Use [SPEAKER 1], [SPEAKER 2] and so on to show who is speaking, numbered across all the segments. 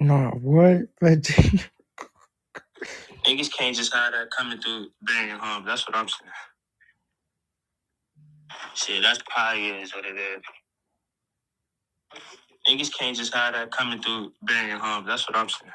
[SPEAKER 1] Nah, what? Like, Niggas can't just have that coming through banging home. That's what I'm saying. Shit, that's probably is what it is. Niggas can't just have that coming through banging home. That's what I'm saying.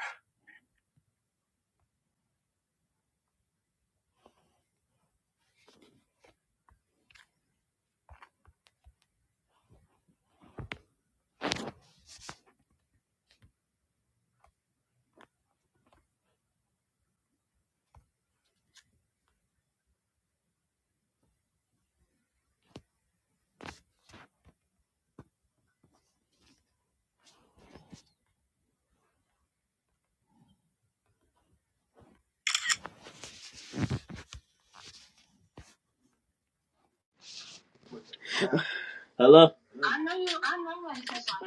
[SPEAKER 2] Hello?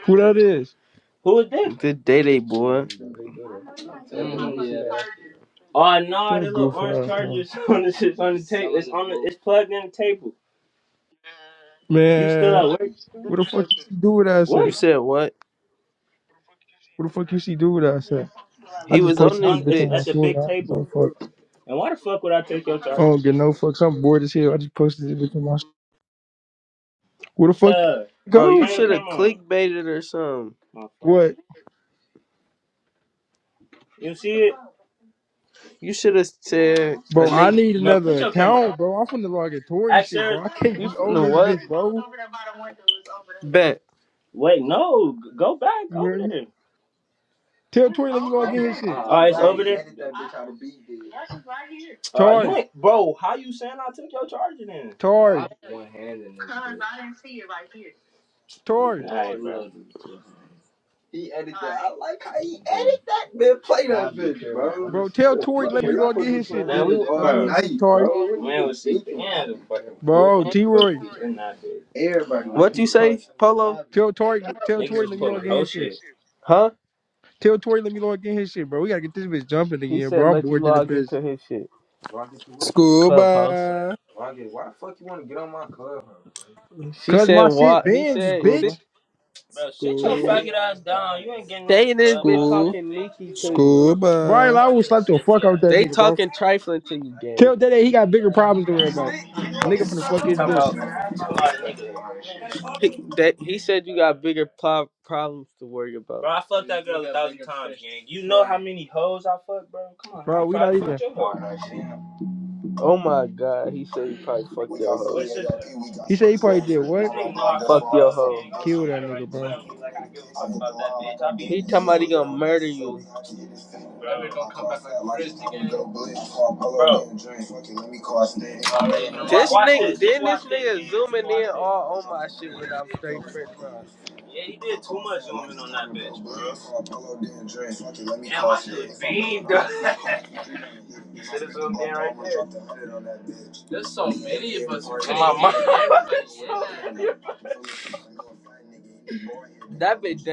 [SPEAKER 1] who that is?
[SPEAKER 2] Who was that? Good day, day boy. Oh no,
[SPEAKER 1] So
[SPEAKER 2] the little
[SPEAKER 1] goofy,
[SPEAKER 2] orange
[SPEAKER 1] ass, man.
[SPEAKER 2] chargers on the shit's on the table. It's on the it's plugged in the table. You still at
[SPEAKER 1] Man,
[SPEAKER 2] work?
[SPEAKER 1] what the fuck you see do with that
[SPEAKER 2] What You
[SPEAKER 1] shit?
[SPEAKER 2] said what?
[SPEAKER 1] What the fuck you see do with that shit? I
[SPEAKER 2] He
[SPEAKER 1] just
[SPEAKER 2] was It's on it's this
[SPEAKER 1] posted this
[SPEAKER 2] on bitch.
[SPEAKER 1] bitch on
[SPEAKER 2] it's at
[SPEAKER 1] my
[SPEAKER 2] the
[SPEAKER 1] story.
[SPEAKER 2] big
[SPEAKER 1] I don't give no
[SPEAKER 2] table.
[SPEAKER 1] fucks.
[SPEAKER 2] And why the fuck would I take your
[SPEAKER 1] I don't get no fucks. I'm bored as hell. I just posted this bitch on my. St- Where the fuck
[SPEAKER 2] uh
[SPEAKER 1] you
[SPEAKER 2] bro. You
[SPEAKER 1] go?
[SPEAKER 2] should have clickbaited or something. My fault.
[SPEAKER 1] What?
[SPEAKER 2] You see it? You should have said a
[SPEAKER 1] Bro, I
[SPEAKER 2] nigga.
[SPEAKER 1] need
[SPEAKER 2] No, put
[SPEAKER 1] another
[SPEAKER 2] your camera
[SPEAKER 1] account,
[SPEAKER 2] on.
[SPEAKER 1] bro. I'm finna log in Tory
[SPEAKER 2] Ask
[SPEAKER 1] shit,
[SPEAKER 2] her
[SPEAKER 1] bro. I can't be on this bitch, bro.
[SPEAKER 2] Bet. wait, no, go back
[SPEAKER 1] You
[SPEAKER 2] over
[SPEAKER 1] hear me?
[SPEAKER 2] there.
[SPEAKER 1] Tell Tory let me log in his shit.
[SPEAKER 2] Oh, it's over there. How to beat this. Uh,
[SPEAKER 1] Tory,
[SPEAKER 2] bro, how you saying I took your charger then? I'm
[SPEAKER 1] Tory,
[SPEAKER 2] one handed it.
[SPEAKER 1] Tory,
[SPEAKER 2] right, He edited. I like how he edited that man. Play that bitch, bro.
[SPEAKER 1] bro. Tell Tory
[SPEAKER 2] What the fuck?
[SPEAKER 1] let me
[SPEAKER 2] you
[SPEAKER 1] log
[SPEAKER 2] supposed
[SPEAKER 1] in
[SPEAKER 2] to be
[SPEAKER 1] his
[SPEAKER 2] playing that
[SPEAKER 1] shit. Did
[SPEAKER 2] we bitch all
[SPEAKER 1] I mean
[SPEAKER 2] night,
[SPEAKER 1] Tory,
[SPEAKER 2] bro. man was sick. thinking? Yeah, the fucking goofy
[SPEAKER 1] bro? T
[SPEAKER 2] fuck
[SPEAKER 1] Roy,
[SPEAKER 2] in that bitch. Everybody. What you say, Polo?
[SPEAKER 1] tell Tory, tell
[SPEAKER 2] Niggas
[SPEAKER 1] Tory
[SPEAKER 2] was
[SPEAKER 1] let me log
[SPEAKER 2] pulling
[SPEAKER 1] in
[SPEAKER 2] whole
[SPEAKER 1] his shit.
[SPEAKER 2] shit. Huh?
[SPEAKER 1] Tell Tory let me log in his shit, bro. We gotta get this bitch jumping
[SPEAKER 2] He
[SPEAKER 1] again,
[SPEAKER 2] said
[SPEAKER 1] bro. I'm
[SPEAKER 2] let you
[SPEAKER 1] bored to the
[SPEAKER 2] log
[SPEAKER 1] bitch.
[SPEAKER 2] into his shit. Log into what? Clubhouse.
[SPEAKER 3] Scuba,
[SPEAKER 2] Log in. Why the fuck you want to get on my clubhouse, bro? She
[SPEAKER 1] Cause
[SPEAKER 2] said
[SPEAKER 1] my
[SPEAKER 2] why
[SPEAKER 1] shit
[SPEAKER 2] he
[SPEAKER 1] banned, you
[SPEAKER 2] said see
[SPEAKER 1] bitch.
[SPEAKER 3] scuba,
[SPEAKER 2] Bro, sit your
[SPEAKER 3] scuba,
[SPEAKER 2] faggot ass down. You ain't getting They in this bitch
[SPEAKER 3] scuba,
[SPEAKER 2] talking bitch. Nikki to you.
[SPEAKER 1] Brian
[SPEAKER 3] scuba.
[SPEAKER 1] I will slap the fuck out that
[SPEAKER 2] They
[SPEAKER 1] nigga, bro.
[SPEAKER 2] talking trifling to you, gang.
[SPEAKER 1] Tell that he got bigger problems to worry about. A nigga finna fuck his bitch.
[SPEAKER 2] He, that, he said you got bigger pro- problems to worry about. Bro, I fucked that girl a thousand times, gang. You know how many hoes I fucked, bro? Come on, I
[SPEAKER 1] Bro, we
[SPEAKER 2] probably
[SPEAKER 1] not even
[SPEAKER 2] fucked your hoe. Oh my god, he said he probably fucked your hoe.
[SPEAKER 1] He said he probably did what?
[SPEAKER 2] Fuck your hoe.
[SPEAKER 1] Kill that nigga, bro.
[SPEAKER 2] He talking about he gonna murder you. bro. This nigga, then this nigga zooming in all on my shit when I'm straight fresh, bro. Yeah, he did too much zooming on that bitch, bro. Apollo Dan Dre. Fuck Damn, my shit If i beamed. gonna, you should have zoomed in right there. There's so many of us who My even Nah, That bitch you,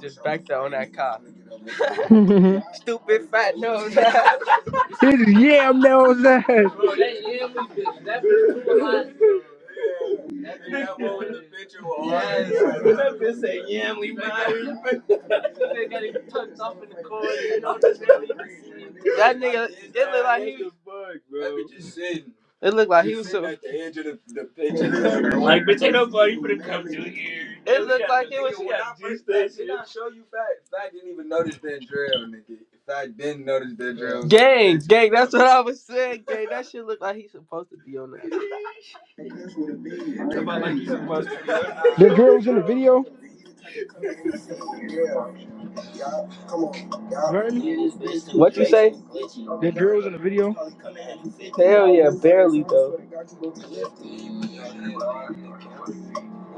[SPEAKER 2] just backed up on that nigga, car. Stupid fat nose
[SPEAKER 1] His yeah, I'm now that.
[SPEAKER 2] That bitch too hot. that bitch got one with the picture with eyes. That bitch say, yeah, we married. They got him tucked up in the corner. You know, just barely even see him. That nigga, it look like he. was. That bitch is sitting. It looked like he was. So, at the edge of the, the pitch Like, bitch, ain't nobody finna come to here. it looked like it was. nigga when I first did I show you fact? Fact didn't even notice that drill, nigga. Fact didn't notice that drill Gang, gang. That's what I was saying. Gang, that shit looked like he's supposed to be on that. what it be. Somebody like you supposed to be
[SPEAKER 1] Then drill was in the
[SPEAKER 2] on
[SPEAKER 1] video.
[SPEAKER 2] Nah, that. Yup, come on,
[SPEAKER 1] You heard me?
[SPEAKER 2] yup. What you say?
[SPEAKER 1] Then drill was in the video.
[SPEAKER 2] Hell yeah, barely though.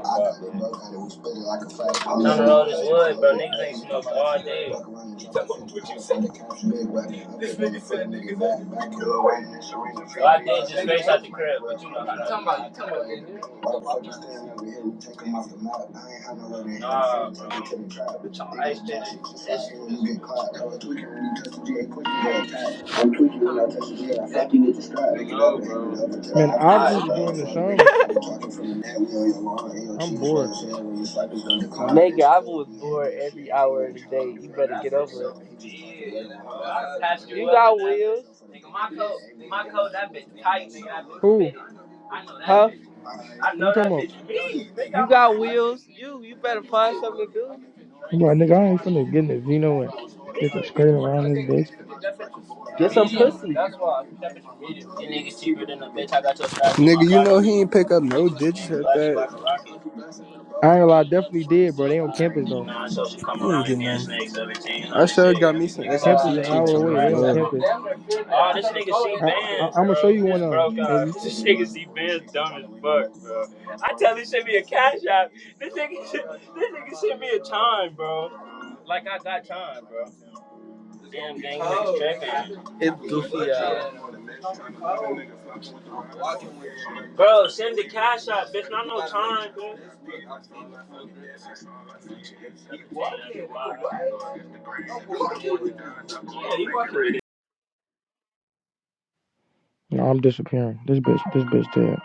[SPEAKER 2] I got it, bro. I Got it. We split it like a flat. I'm trying to roll this wood, bro. Niggas ain't smoked all day. He talking what you said. This nigga said niggas ain't back here. So I did just face out the crib, but you know how that is. Why why we standing over here? take him off the map. I ain't had no way Nah, to take bro. I'm ice dead. Just like when you get caught. I was tweaking when you touch the G, A quick to go attack. I'm tweaking when I touch the G, A. I fuck no, bro.
[SPEAKER 1] Man,
[SPEAKER 2] I
[SPEAKER 1] obviously you're doing the sum. I'm bored.
[SPEAKER 2] Nigga, I was bored every hour of the day. You better get over it. yeah, you got wheels, Nigga, my coat, my coat, that bitch tight, nigga. That bitch
[SPEAKER 1] Who?
[SPEAKER 2] fitted. I know that huh? bitch. I
[SPEAKER 1] Who you
[SPEAKER 2] know
[SPEAKER 1] talking
[SPEAKER 2] that
[SPEAKER 1] about?
[SPEAKER 2] bitch me, nigga. You got wheels. You, you better find something to do.
[SPEAKER 1] I'm like, nigga, I ain't finna get in the Vino and get the skirt around this bitch.
[SPEAKER 2] Get some pussy. That's why that bitch That nigga cheaper than the bitch I got your stash in my
[SPEAKER 3] Nigga, you know
[SPEAKER 2] pocket.
[SPEAKER 3] he ain't pick up no digits
[SPEAKER 2] And the
[SPEAKER 3] at
[SPEAKER 2] black you
[SPEAKER 3] that.
[SPEAKER 2] like a rocket.
[SPEAKER 1] I ain't gonna lie, I definitely did, bro. They on campus
[SPEAKER 2] And
[SPEAKER 1] though.
[SPEAKER 2] nah, so she come
[SPEAKER 3] He ain't
[SPEAKER 2] around and
[SPEAKER 3] get
[SPEAKER 2] being
[SPEAKER 3] nothing.
[SPEAKER 2] snakes,
[SPEAKER 3] I
[SPEAKER 2] 1700
[SPEAKER 3] sure
[SPEAKER 2] shit.
[SPEAKER 3] got
[SPEAKER 2] Yeah,
[SPEAKER 3] me
[SPEAKER 2] these
[SPEAKER 3] some
[SPEAKER 2] niggas have
[SPEAKER 1] Campus
[SPEAKER 2] to
[SPEAKER 1] an
[SPEAKER 3] SMC
[SPEAKER 2] pay
[SPEAKER 1] hour
[SPEAKER 3] cheeks
[SPEAKER 2] bitch
[SPEAKER 3] on
[SPEAKER 2] a
[SPEAKER 3] the
[SPEAKER 1] away. They
[SPEAKER 2] rap.
[SPEAKER 1] on
[SPEAKER 3] floor.
[SPEAKER 1] campus.
[SPEAKER 2] Oh, this nigga see
[SPEAKER 1] I, I
[SPEAKER 2] bands,
[SPEAKER 1] I'm gonna show
[SPEAKER 2] bro.
[SPEAKER 1] you one
[SPEAKER 2] This
[SPEAKER 1] of them.
[SPEAKER 2] broke out.
[SPEAKER 1] Baby.
[SPEAKER 2] This nigga see bands dumb as fuck. I tell this shit be a cash app. This nigga, this nigga shit be a time, bro. Like I got time, bro. Damn gang, niggas It's goofy out. Bro, send the cash out, bitch. Not no time, bro.
[SPEAKER 1] No, I'm disappearing. This bitch, this bitch dead.